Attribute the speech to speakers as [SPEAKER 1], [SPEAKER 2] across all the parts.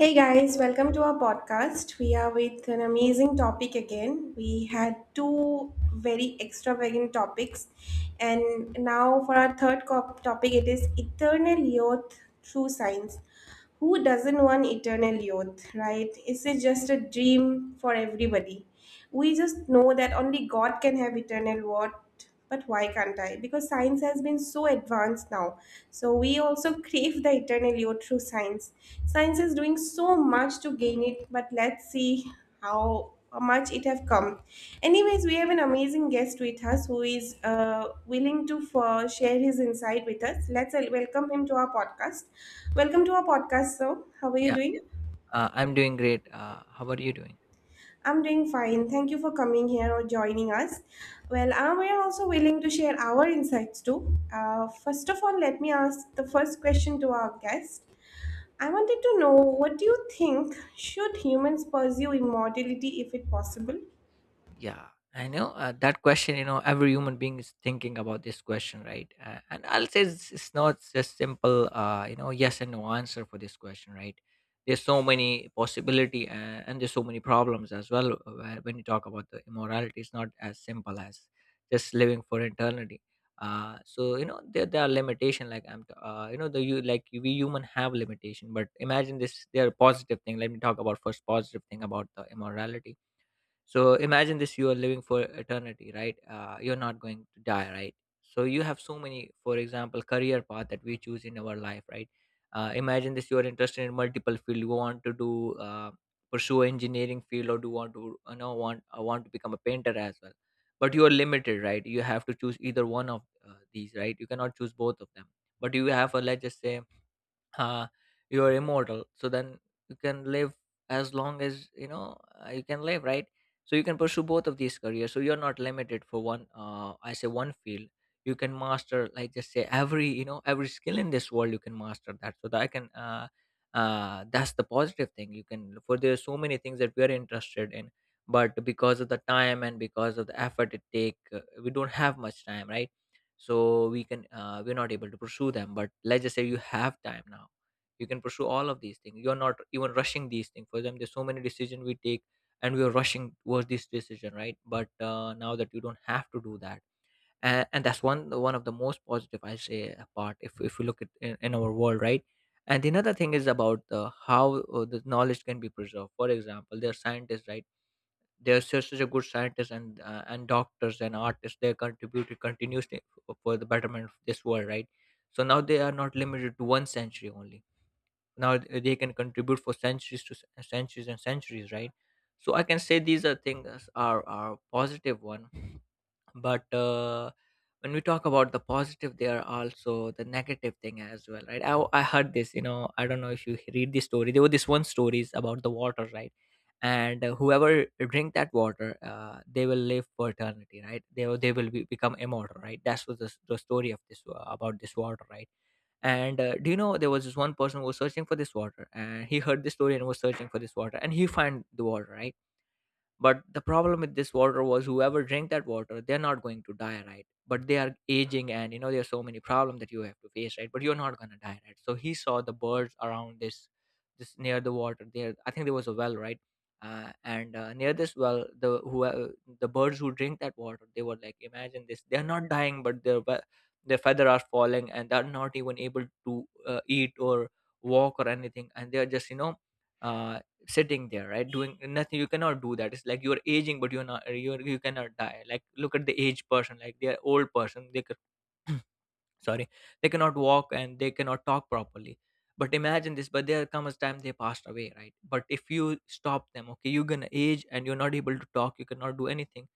[SPEAKER 1] Hey guys, welcome to our podcast. We are with an amazing topic again. We had two very extravagant topics, and now for our third topic, it is eternal youth through science. Who doesn't want eternal youth, right? It's just a dream for everybody. We just know that only God can have eternal what, but why can't I? Because science has been so advanced now. So we also crave the eternal youth through science. Science is doing so much to gain it, but let's see how much it have come. Anyways, we have an amazing guest with us who is willing to for share his insight with us. Let's welcome him to our podcast.
[SPEAKER 2] Yeah,
[SPEAKER 1] Welcome to our podcast, sir. How are you
[SPEAKER 2] yeah.
[SPEAKER 1] doing?
[SPEAKER 2] I'm doing great. How are you doing?
[SPEAKER 1] I'm doing fine. Thank you for coming here or joining us. Well, we are also willing to share our insights too. First of all, let me ask the first question to our guest. I wanted to know, what do you think, should humans pursue immortality if it possible?
[SPEAKER 2] Yeah, I know that question. You know, every human being is thinking about this question, right? And I'll say it's not just simple, you know, yes and no answer for this question, right? There's so many possibility and there's so many problems as well when you talk about the immorality. It's not as simple as just living for eternity. So you know there are limitation like you know the you like we human have limitation, but imagine this, there are positive thing. Let me talk about first positive thing about the immorality. So imagine this, you are living for eternity, right? You're not going to die, right? So you have so many, for example, career path that we choose in our life, right? Imagine this, you are interested in multiple field. You want to do pursue engineering field, or do want to, you know, want to become a painter as well, but you are limited, right? You have to choose either one of these, right? You cannot choose both of them. But you have a, let's just say, uh, you are immortal, so then you can live as long as, you know, you can live, right? So you can pursue both of these careers. So you're not limited for one, I say one field. You can master, like just say every, you know, every skill in this world. You can master that so that I can that's the positive thing. You can for there's so many things that we are interested in, but because of the time and because of the effort it take, we don't have much time, right? So we can we're not able to pursue them. But let's just say you have time now. You can pursue all of these things. You're not even rushing these things. For example, there's so many decisions we take and we are rushing towards this decision, right? But now that you don't have to do that. And that's one of the most positive, I say, part if we look at in our world, right? And another thing is about the how the knowledge can be preserved. For example, there are scientists, right? There are such a good scientists and doctors and artists. They contributed continuously for the betterment of this world, right? So now they are not limited to one century only. Now they can contribute for centuries to centuries and centuries, right? So I can say these are things are positive one. But when we talk about the positive, there are also the negative thing as well, right? I heard this, you know, I don't know if you read this story. There were this one stories about the water, right? And whoever drink that water, they will live for eternity, right? They they will be, become immortal, right? That's what the story of this about this water, right? And do you know there was this one person who was searching for this water, and he heard this story and was searching for this water, and he found the water, right? But the problem with this water was whoever drank that water, they're not going to die, right? But they are aging and you know there's so many problems that you have to face, right? But you're not going to die, right? So he saw the birds around this, this near the water. There, I think there was a well, right? And near this well, the birds who drink that water, they were like, imagine this, they're not dying, but their feather are falling, and they're not even able to eat or walk or anything, and they're just, you know, uh, sitting there, right, doing nothing. You cannot do that. It's like you're aging, but you're not you're you cannot die. Like look at the aged person, like they're old person, they could sorry, they cannot walk and they cannot talk properly. But imagine this, but there comes a time they passed away, right? But if you stop them, okay, you're gonna age and you're not able to talk, you cannot do anything,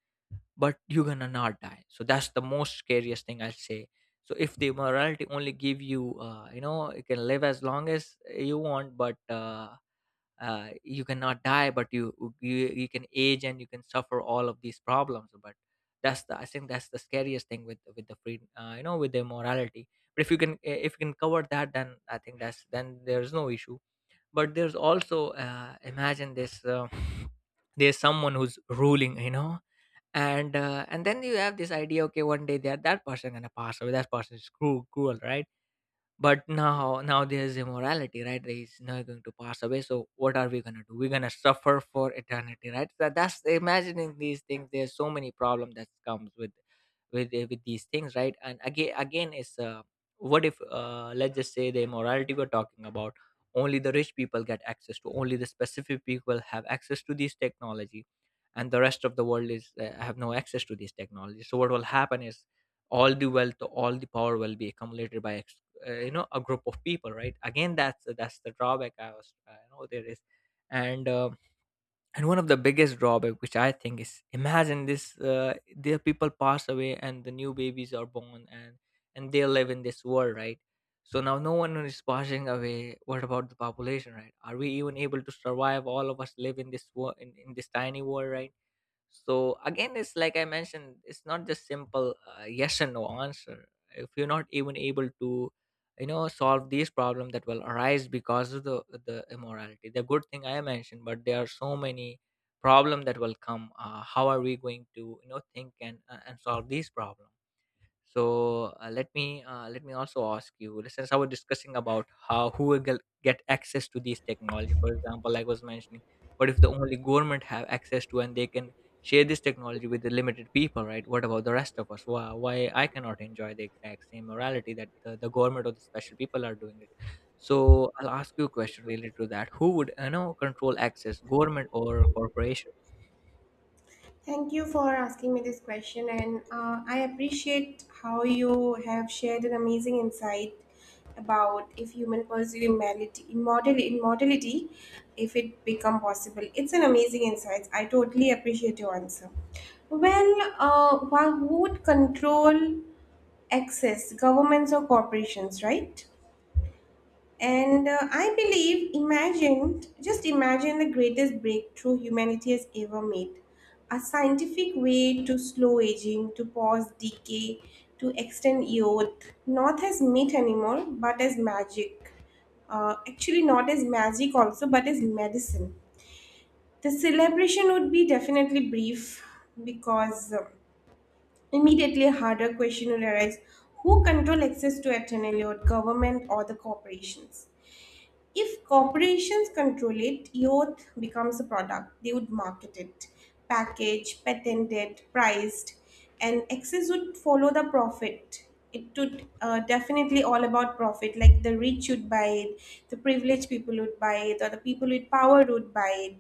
[SPEAKER 2] but you're gonna not die. So that's the most scariest thing, I'll say. So if the morality only give you, you know, you can live as long as you want, but you cannot die, but you can age and you can suffer all of these problems. But that's the, I think that's the scariest thing with the free, you know, with the morality. But if you can if you can cover that, then I think that's then there's no issue. But there's also imagine this, there's someone who's ruling, you know, and then you have this idea, okay, one day that that person gonna pass away, that person is cruel, right? But now there's immorality, right? He's now going to pass away. So what are we gonna do? We're gonna suffer for eternity, right? That's imagining these things. There's so many problem that comes with with these things, right? And is what if, let's just say the immorality we're talking about, only the rich people get access to, only the specific people have access to this technology, and the rest of the world is have no access to these technology. So what will happen is all the wealth, all the power will be accumulated by you know a group of people, right? Again, that's the drawback I was I know there is. And and one of the biggest drawback, which I think is, imagine this, their people pass away and the new babies are born, and they live in this world, right? So now no one is passing away. What about the population, right? Are we even able to survive all of us live in this world in this tiny world, right? So again, it's like I mentioned, it's not just simple, yes and no answer. If you're not even able to, you know, solve these problems that will arise because of the immorality, the good thing I mentioned, but there are so many problem that will come. How are we going to, you know, think and solve these problems? So let me also ask you. Since I was discussing about how who will get access to these technology, for example, like I was mentioning, what if the only government have access to, and they can share this technology with the limited people, right? What about the rest of us? Why I cannot enjoy the exact same morality that the government or the special people are doing it? So I'll ask you a question related to that. Who would, you know, control access, government or corporation?
[SPEAKER 1] Thank you for asking me this question, and I appreciate how you have shared an amazing insight about if human pursue immortality, if it become possible. It's an amazing insight. I totally appreciate your answer. Well, who would control access? Governments or corporations, right? And I believe, imagine, just imagine the greatest breakthrough humanity has ever made. A scientific way to slow aging, to pause decay, to extend youth, not as myth anymore, but as magic. Actually, not as magic also, but as medicine. The celebration would be definitely brief because immediately a harder question will arise: who control access to eternal youth, government or the corporations? If corporations control it, youth becomes a product. They would market it, package, patent it, priced, and excess would follow the profit. It would definitely all about profit. Like the rich would buy it, the privileged people would buy it, or the people with power would buy it,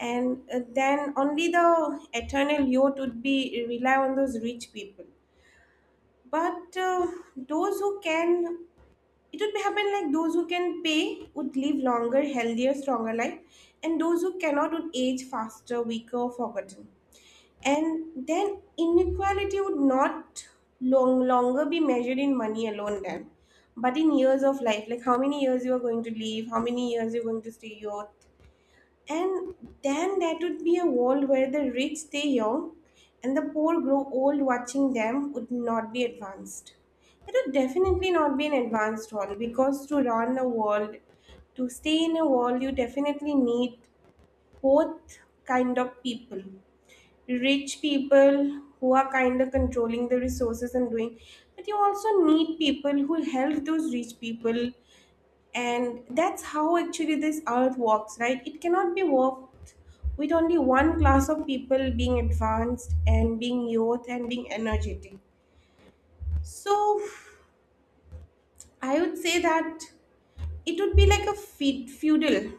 [SPEAKER 1] and then only the eternal youth would be rely on those rich people. But those who can it would happen like those who can pay would live longer, healthier, stronger life, and those who cannot would age faster, weaker, or forgotten. And then inequality would not longer be measured in money alone then, but in years of life, like how many years you are going to live, how many years you're going to stay youth, and then that would be a world where the rich stay young and the poor grow old. Watching them would not be advanced. It would definitely not be an advanced world, because to run a world, to stay in a world, you definitely need both kind of people. Rich people who are kind of controlling the resources and doing, but you also need people who help those rich people, and that's how actually this earth works, right? It cannot be worked with only one class of people being advanced and being youth and being energetic. So I would say that it would be like a feudal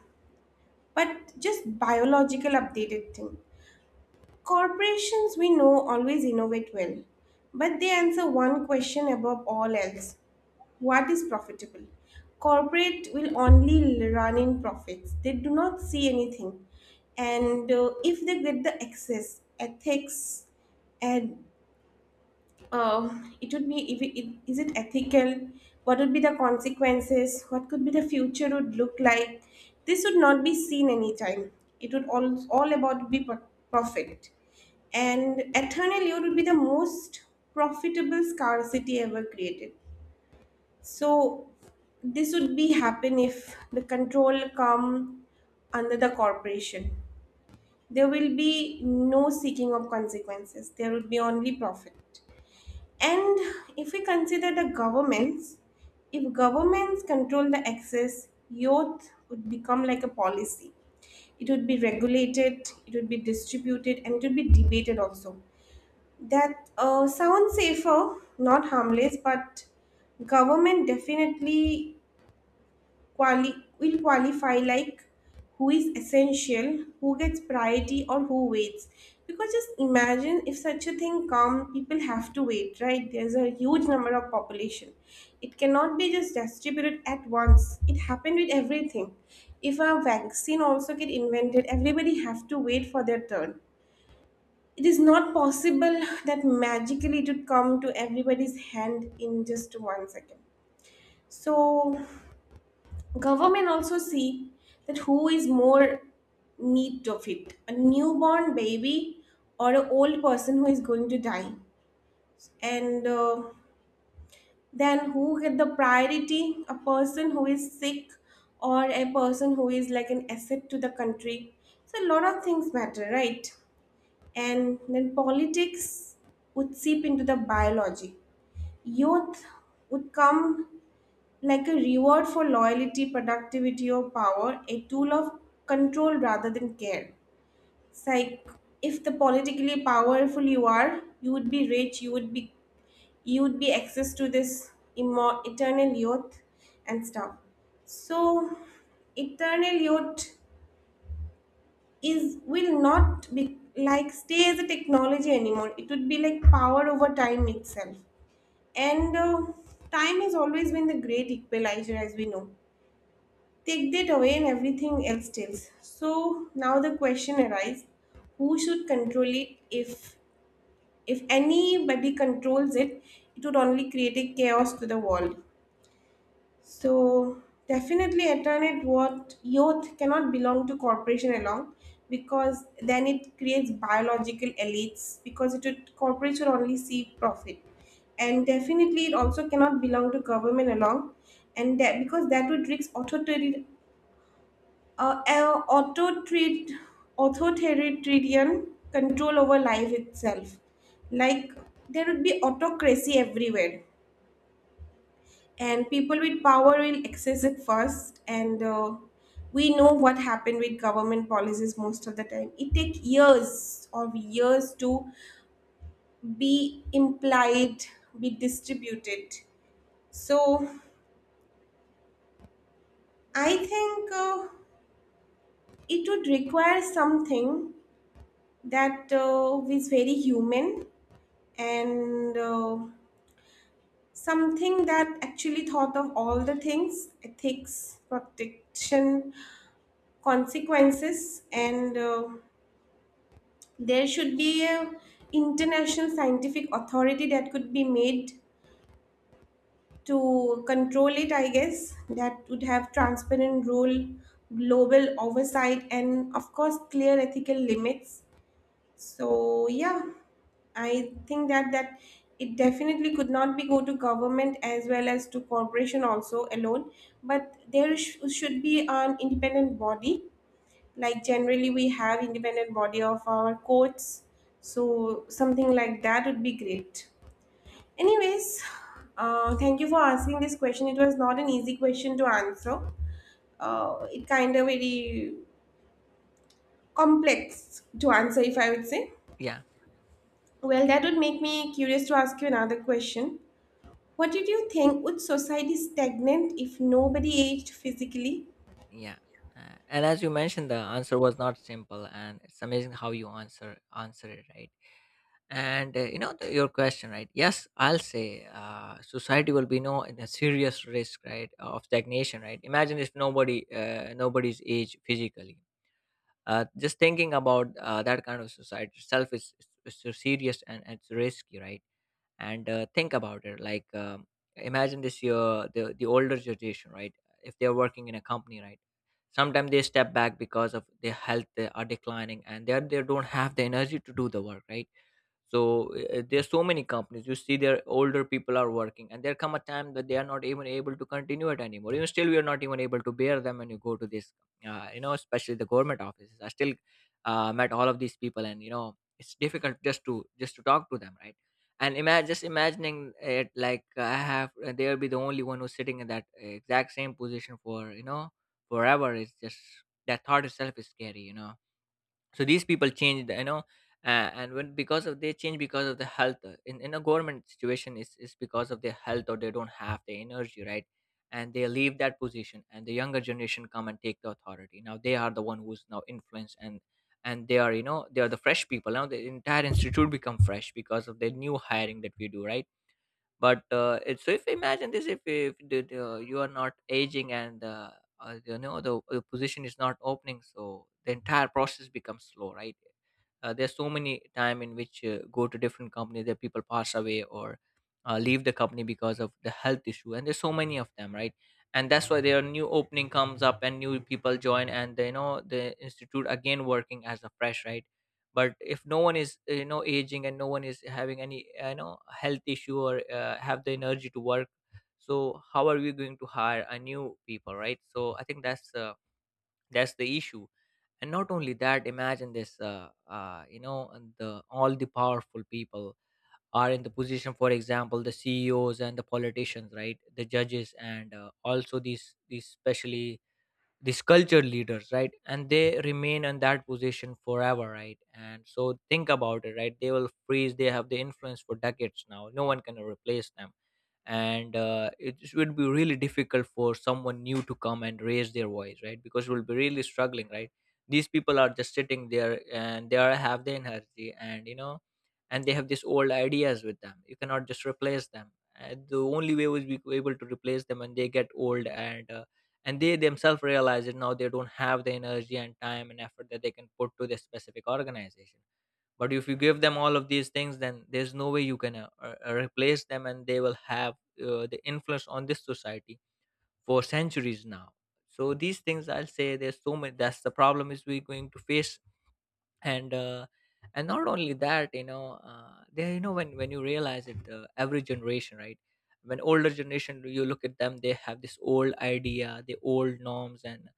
[SPEAKER 1] but just biological updated thing. Corporations, we know, always innovate well, but they answer one question above all else: what is profitable? Corporate will only run in profits. They do not see anything. And if they get the excess, ethics, and it would be, if it, it- is it ethical? What would be the consequences? What could be the future would look like? This would not be seen anytime. It would all about be profit. And eternal youth would be the most profitable scarcity ever created. So this would be happen if the control come under the corporation. There will be no seeking of consequences. There would be only profit. And if we consider the governments, if governments control the access, youth would become like a policy. It would be regulated, it would be distributed, and it would be debated also. That sounds safer, not harmless, but government definitely quali will qualify, like who is essential, who gets priority, or who waits. Because just imagine, if such a thing come, people have to wait, right? There's a huge number of population. It cannot be just distributed at once. It happened with everything. If a vaccine also get invented, everybody have to wait for their turn. It is not possible that magically it would come to everybody's hand in just 1 second. So government also see that who is more need of it: a newborn baby or an old person who is going to die? And then who get the priority: a person who is sick, or a person who is like an asset to the country? So a lot of things matter, right? And then politics would seep into the biology. Youth would come like a reward for loyalty, productivity, or power, a tool of control rather than care. It's like, if the politically powerful you are, you would be rich, you would be access to this eternal youth and stuff. So eternal youth is will not be like stay as a technology anymore. It would be like power over time itself. And time has always been the great equalizer, as we know. Take that away and everything else tells. So now the question arises, who should control it? If anybody controls it, it would only create a chaos to the world. So definitely alternate what youth cannot belong to corporation alone, because then it creates biological elites, because it would corporates would only see profit. And definitely it also cannot belong to government along, and that because that would risk authoritarian, uh, uh, autotrit- authoritarian control over life itself. Like, there would be autocracy everywhere, and people with power will access it first. And we know what happened with government policies most of the time. It takes years of years to be implied, be distributed. So I think it would require something that is very human, and something that actually thought of all the things: ethics, protection, consequences, and there should be a international scientific authority that could be made to control it, I guess, that would have transparent rule, global oversight, and of course clear ethical limits. So yeah, I think that it definitely could not be go to government as well as to corporation also alone, but there should be an independent body, like generally we have independent body of our courts. So something like that would be great. Anyways, thank you for asking this question. It was not an easy question to answer. It kind of very complex to answer, if I would say.
[SPEAKER 2] Yeah,
[SPEAKER 1] Well, that would make me curious to ask you another question. What did you think, would society stagnant if nobody aged physically?
[SPEAKER 2] yeah. And as you mentioned, the answer was not simple, and it's amazing how you answer it, right. And you know your question, right? Yes, I'll say society will be no in a serious risk, right, of stagnation, right? Imagine if nobody, nobody's age physically. Just thinking about that kind of society itself is so serious and it's risky, right? and Think about it. Imagine this year the older generation, right, if they're working in a company, right, sometimes they step back because of their health. They are declining and they don't have the energy to do the work, right? There's so many companies you see their older people are working, and there come a time that they are not even able to continue it anymore. Even still, we are not even able to bear them when you go to this, you know, especially the government offices. I still met all of these people, and you know, it's difficult just to talk to them, right? And imagine, just imagining it, like I have they'll be the only one who's sitting in that exact same position for, you know, forever. It's just that thought itself is scary, you know. So these people change, you know. Uh, and when because of they change because of the health, in a government situation is because of their health or they don't have the energy, right? And they leave that position, and the younger generation come and take the authority. Now they are the one who's now influenced, and they are, you know, they are the fresh people. Now the entire institute become fresh because of the new hiring that we do, right? But it's so, if we imagine this, if you are not aging, and you know the position is not opening, so the entire process becomes slow, right? There's so many time in which, go to different companies, that people pass away or leave the company because of the health issue, and there's so many of them, right? And that's why their new opening comes up and new people join, and they, you know, the institute again working as a fresh, right? But if no one is, you know, aging, and no one is having any, you know, health issue, or have the energy to work, so how are we going to hire a new people, right? So I think that's the issue. And not only that, imagine this. You know, and the all the powerful people are in the position, for example, the CEOs and the politicians, right, the judges, and also these specially these culture leaders, right, and they remain in that position forever, right? And so think about it, right. They will freeze. They have the influence for decades. Now no one can replace them. And it would be really difficult for someone new to come and raise their voice, right, because we'll be really struggling, right? These people are just sitting there, and they are have the energy, and you know, and they have these old ideas with them. You cannot just replace them. The only way we'll be able to replace them when they get old, and they themselves realize it now they don't have the energy and time and effort that they can put to this specific organization. But if you give them all of these things, then there's no way you can replace them, and they will have the influence on this society for centuries now. So these things, I'll say there's so many, that's the problem is we're going to face. And and not only that, you know, they, you know, when you realize it, the every generation, right, when older generation, you look at them, they have this old idea, the old norms. and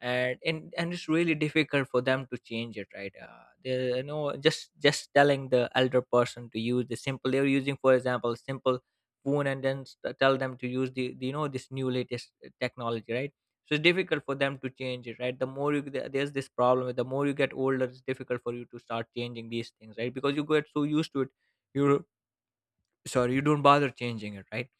[SPEAKER 2] and and, and it's really difficult for them to change it, right. They, you know, just telling the elder person to use the simple, they're using, for example, simple phone, and then tell them to use the, you know, this new latest technology, right. So it's difficult for them to change it, right. The more you, there's this problem, the more you get older, it's difficult for you to start changing these things, right, because you get so used to it. You, sorry, you don't bother changing it, right.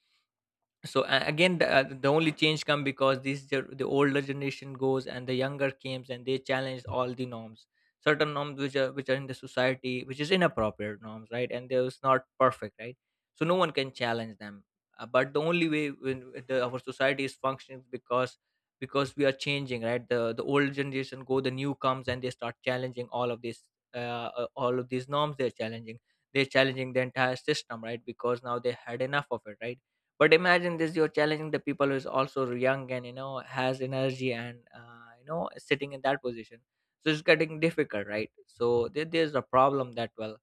[SPEAKER 2] So again the only change come because this the older generation goes and the younger comes, and they challenge all the norms, certain norms which are in the society, which is inappropriate norms, right, and those not perfect, right. So no one can challenge them. But the only way, when our society is functioning, because we are changing, right. The old generation go, the new comes, and they start challenging all of this, all of these norms. They're challenging, they're challenging the entire system, right, because now they had enough of it, right. But imagine this, you're challenging the people who is also young, and you know, has energy, and you know, sitting in that position. So it's getting difficult, right. So there's a problem that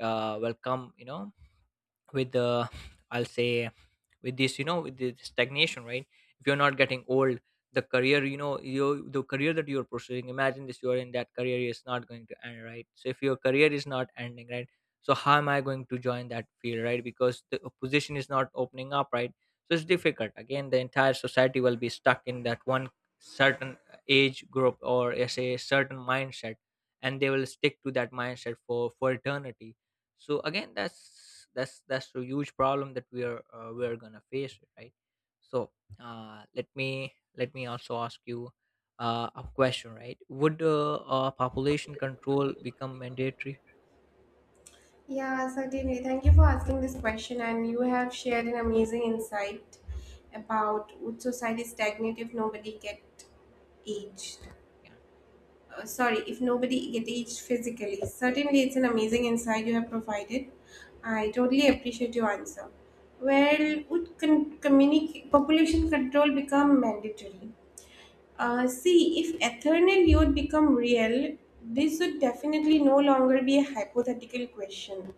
[SPEAKER 2] will come, you know, with the, I'll say, with this, you know, with the stagnation, right. If you're not getting old, the career, you know, you, the career that you're pursuing, imagine this, you're in that career is not going to end, right. So if your career is not ending, right, so how am I going to join that field, right, because the position is not opening up, right. So it's difficult. Again, the entire society will be stuck in that one certain age group or as a certain mindset, and they will stick to that mindset for eternity. So again, that's a huge problem that we are we're gonna face, right. So, uh, let me also ask you a question, right. Would population control become mandatory?
[SPEAKER 1] Yeah, certainly. Thank you for asking this question, and you have shared an amazing insight about would society stagnate if nobody get aged.
[SPEAKER 2] Yeah.
[SPEAKER 1] Sorry, if nobody get aged physically. Certainly, it's an amazing insight you have provided. I totally appreciate your answer. Well, would population control become mandatory? See, if eternal youth become real, this would definitely no longer be a hypothetical question.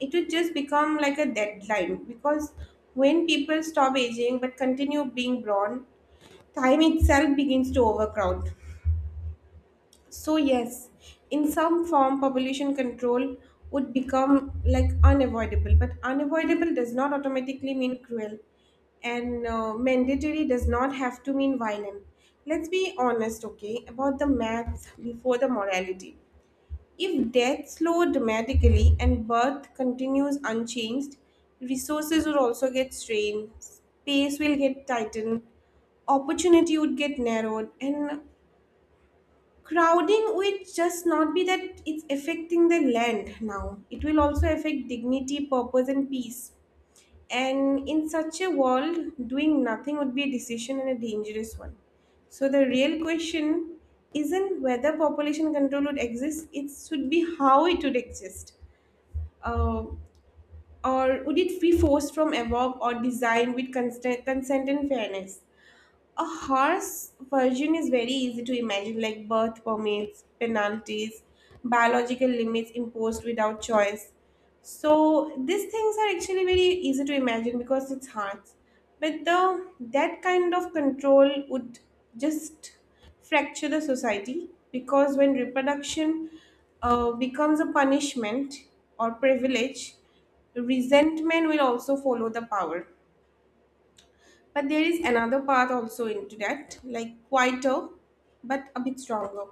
[SPEAKER 1] It would just become like a deadline, because when people stop aging but continue being born, time itself begins to overcrowd. So, yes, in some form, population control would become like unavoidable, but unavoidable does not automatically mean cruel, and mandatory does not have to mean violent. Let's be honest, okay, about the maths before the morality. If death slow dramatically and birth continues unchanged, resources would also get strained, space will get tightened, opportunity would get narrowed, and crowding will just not be that it's affecting the land now. It will also affect dignity, purpose, and peace. And in such a world, doing nothing would be a decision, and a dangerous one. So the real question isn't whether population control would exist, it should be how it would exist. Uh, or would it be forced from above, or designed with consent and fairness? A horse version is very easy to imagine, like birth permits, penalties, biological limits imposed without choice. So these things are actually very easy to imagine, because it's hearts. But the that kind of control would just fracture the society, because when reproduction becomes a punishment or privilege, resentment will also follow the power. But there is another path also into that, like quieter, but a bit stronger.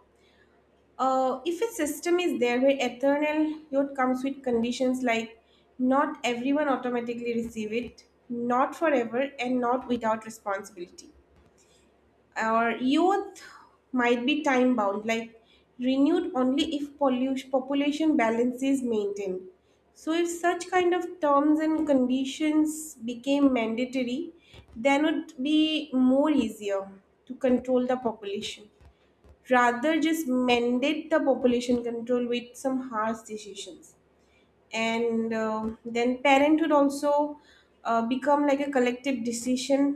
[SPEAKER 1] If a system is there where eternal youth comes with conditions, like not everyone automatically receive it, not forever, and not without responsibility, our youth might be time bound, like renewed only if pollution population balance is maintained. So if such kind of terms and conditions became mandatory, then it would be more easier to control the population, rather just mandate the population control with some harsh decisions. And then parenthood also, become like a collective decision.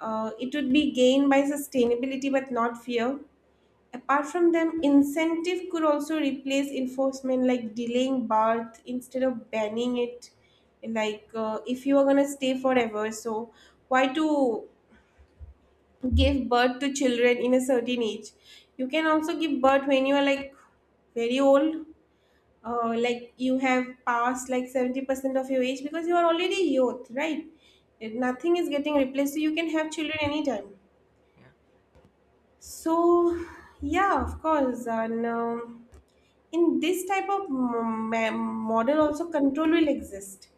[SPEAKER 1] It would be gained by sustainability but not fear. Apart from them, incentive could also replace enforcement, like delaying birth instead of banning it. Like, if you are gonna stay forever, so why to give birth to children in a certain age? You can also give birth when you are like very old, like you have passed like 70% of your age, because you are already youth, right? Nothing is getting replaced, so you can have children anytime.
[SPEAKER 2] Yeah.
[SPEAKER 1] So, yeah, of course. And in this type of model, also control will exist,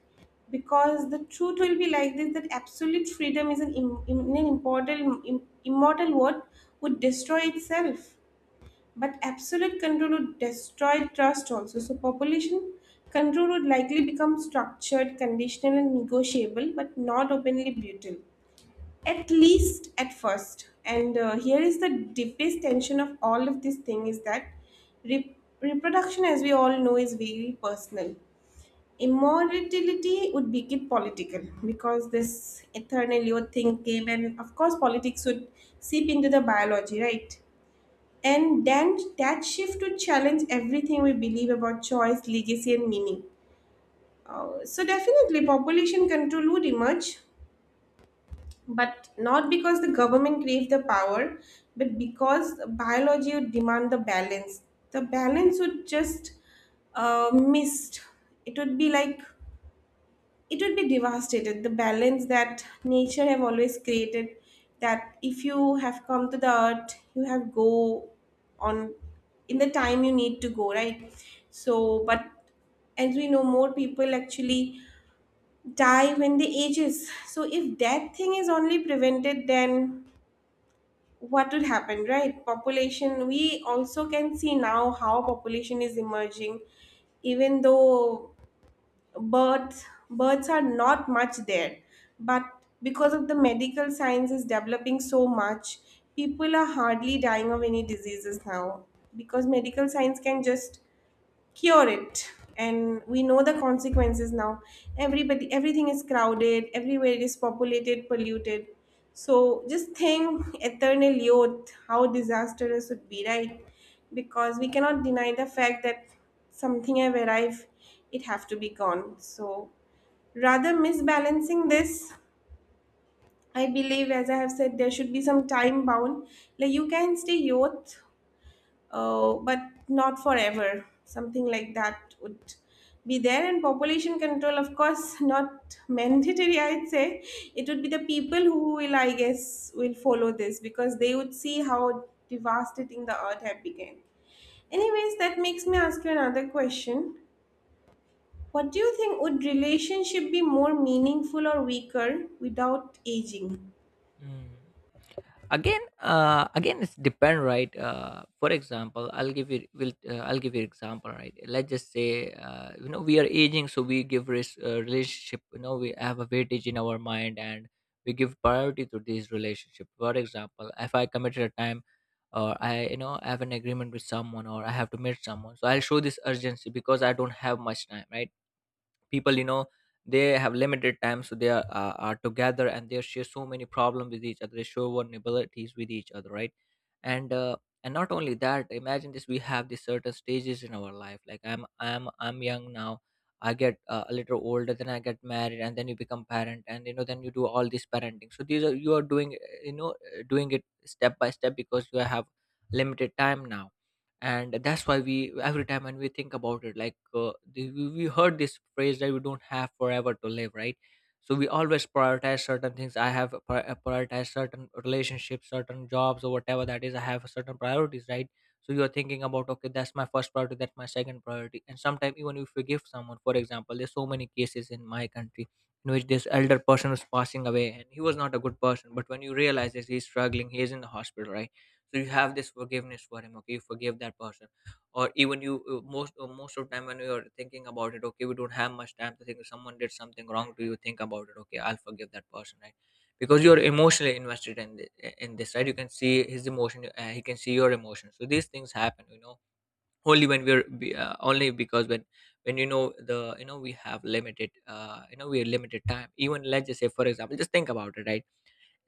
[SPEAKER 1] because the truth will be like this: that absolute freedom is an immortal word, would destroy itself, but absolute control would destroy trust also. So, population control would likely become structured, conditional, and negotiable, but not openly brutal, at least at first. And here is the deepest tension of all of this thing, is that re- reproduction, as we all know, is very personal. Immortality would make it political, because this eternal youth thing came, and of course politics would seep into the biology, right? And then that shift would challenge everything we believe about choice, legacy, and meaning. So definitely population control would emerge, but not because the government craves the power, but because biology would demand the balance. The balance would just, missed. It would be like, it would be devastated, the balance that nature have always created, that if you have come to the earth, you have go on, in the time you need to go, right? So but, as we know, more people actually die when they ages, so if that thing is only prevented, then what would happen, right? Population, we also can see now how population is emerging, even though births births are not much there, but because of the medical science is developing so much, people are hardly dying of any diseases now, because medical science can just cure it. And we know the consequences now. Everybody, everything is crowded everywhere. It is populated, polluted. So just think, eternal youth, how disastrous would be, right? Because we cannot deny the fact that something have arrived, it have to be gone. So rather misbalancing this, I believe, as I have said, there should be some time bound, like you can stay youth, but not forever. Something like that would be there. And population control, of course, not mandatory, I'd say. It would be the people who will, I guess, will follow this, because they would see how devastating the earth had become. Anyways, that makes me ask you another question. What do you think, would relationship be more meaningful or weaker without aging?
[SPEAKER 2] Mm. Again, again it's depend, right. For example, I'll give you example, right. Let's just say, you know, we are aging, so we give relationship, you know, we have a weightage in our mind, and we give priority to these relationship. For example, if I committed a time or I, you know, I have an agreement with someone, or I have to meet someone, so I'll show this urgency because I don't have much time, right. People, you know, they have limited time, so they are together, and they share so many problems with each other. They show vulnerabilities with each other, right. And uh, and not only that, imagine this, we have these certain stages in our life. Like I'm young now, I get a little older, then I get married, and then you become parent, and you know, then you do all this parenting. So these are, you are doing, you know, doing it step by step, because you have limited time now. And that's why we every time when we think about it, like we heard this phrase that we don't have forever to live, right. So we always prioritize certain things. I have prioritized certain relationships, certain jobs, or whatever that is. I have certain priorities, right. So you're thinking about, okay, that's my first priority, that's my second priority. And sometimes, even if you give someone, for example, there's so many cases in my country in which this elder person was passing away, and he was not a good person, but when you realize this, he's struggling, he is in the hospital, right. So you have this forgiveness for him, okay, you forgive that person. Or even you, most of the time, when you're thinking about it, okay, we don't have much time to think. If someone did something wrong to you, think about it, okay, I'll forgive that person, right, because you're emotionally invested in in this, right. You can see his emotion, he can see your emotion, so these things happen, you know, only when only because when, you know, the, you know, we have limited, you know, we are limited time. Even let's just say, for example, just think about it, right.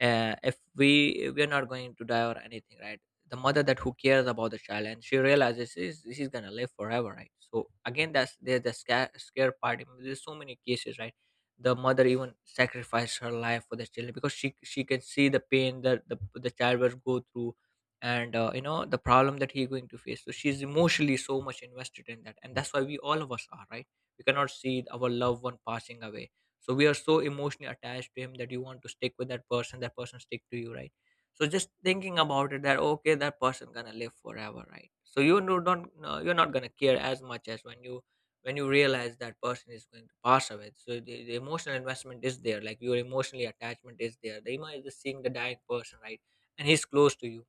[SPEAKER 2] If we are not going to die or anything, right, the mother that who cares about the child, and she realizes this, this is gonna live forever, right. So again, that's there's the scare part. I mean, there's so many cases, right. The mother even sacrificed her life for the children because she can see the pain that the child will go through, and you know, the problem that he's going to face, so she's emotionally so much invested in that. And that's why we all of us are, right. We cannot see our loved one passing away, so we are so emotionally attached to him that you want to stick with that person, that person stick to you, right. So just thinking about it that okay, that person gonna live forever, right. So you no- don't no, you're not gonna care as much as when you realize that person is going to pass away. So the emotional investment is there, like your emotionally attachment is there, the image is seeing the dying person, right, and he's close to you.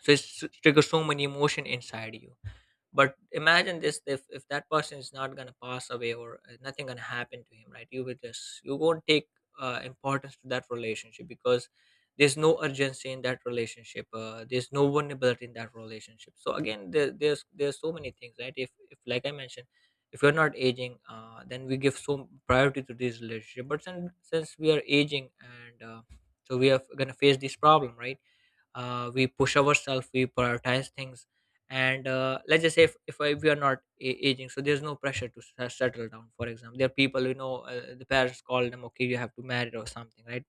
[SPEAKER 2] So it's triggers so many emotion inside you. But imagine this, if that person is not going to pass away or nothing going to happen to him, right, you will just, you won't take importance to that relationship because there's no urgency in that relationship, there's no vulnerability in that relationship. So again, there's so many things, right. If like I mentioned, if you're not aging, then we give so priority to this relationship. But since we are aging, and so we are going to face this problem, right. We push ourselves, we prioritize things. And let's just say, if we are not aging, so there's no pressure to settle down. For example, there are people, you know, the parents call them, okay, you have to marry or something, right.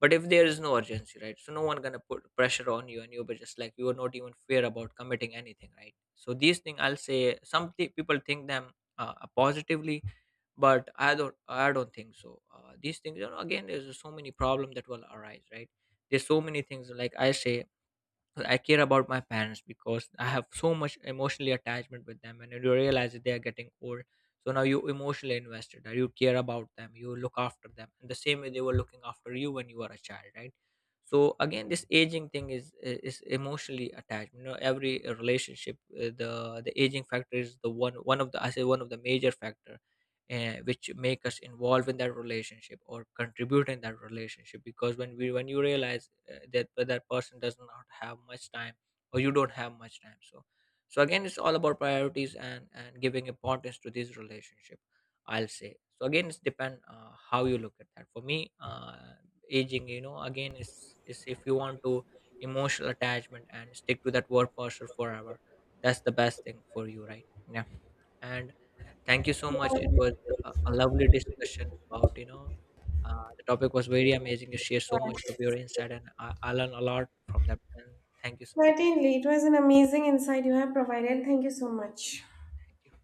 [SPEAKER 2] But if there is no urgency, right, so no one gonna put pressure on you, and you're just like, you are not even fair about committing anything, right. So these things, I'll say, some people think them positively, but I don't think so. These things, you know, again, there's so many problems that will arise, right. There's so many things, like I say, so I care about my parents because I have so much emotionally attachment with them, and you realize that they are getting old. So now you emotionally invested, that you care about them, you look after them, and the same way they were looking after you when you were a child, right? So again, this aging thing is emotionally attached. You know, every relationship, the aging factor is the one of the, I say, one of the major factor, which make us involved in that relationship or contribute in that relationship, because when we when you realize that that person does not have much time or you don't have much time. So so again, it's all about priorities and giving importance to this relationship, I'll say. So again, it's depend, how you look at that. For me, aging, you know, again, is, if you want to emotional attachment and stick to that word person forever, that's the best thing for you, right. Yeah. And thank you so much. It
[SPEAKER 1] Yeah,
[SPEAKER 2] was a lovely discussion about, you know, the topic was very amazing. You share so much
[SPEAKER 1] yeah.
[SPEAKER 2] of your insight, and I learned a lot from that. And thank you so much.
[SPEAKER 1] Certainly, it was an amazing insight you have provided. Thank you so much.
[SPEAKER 2] Thank you.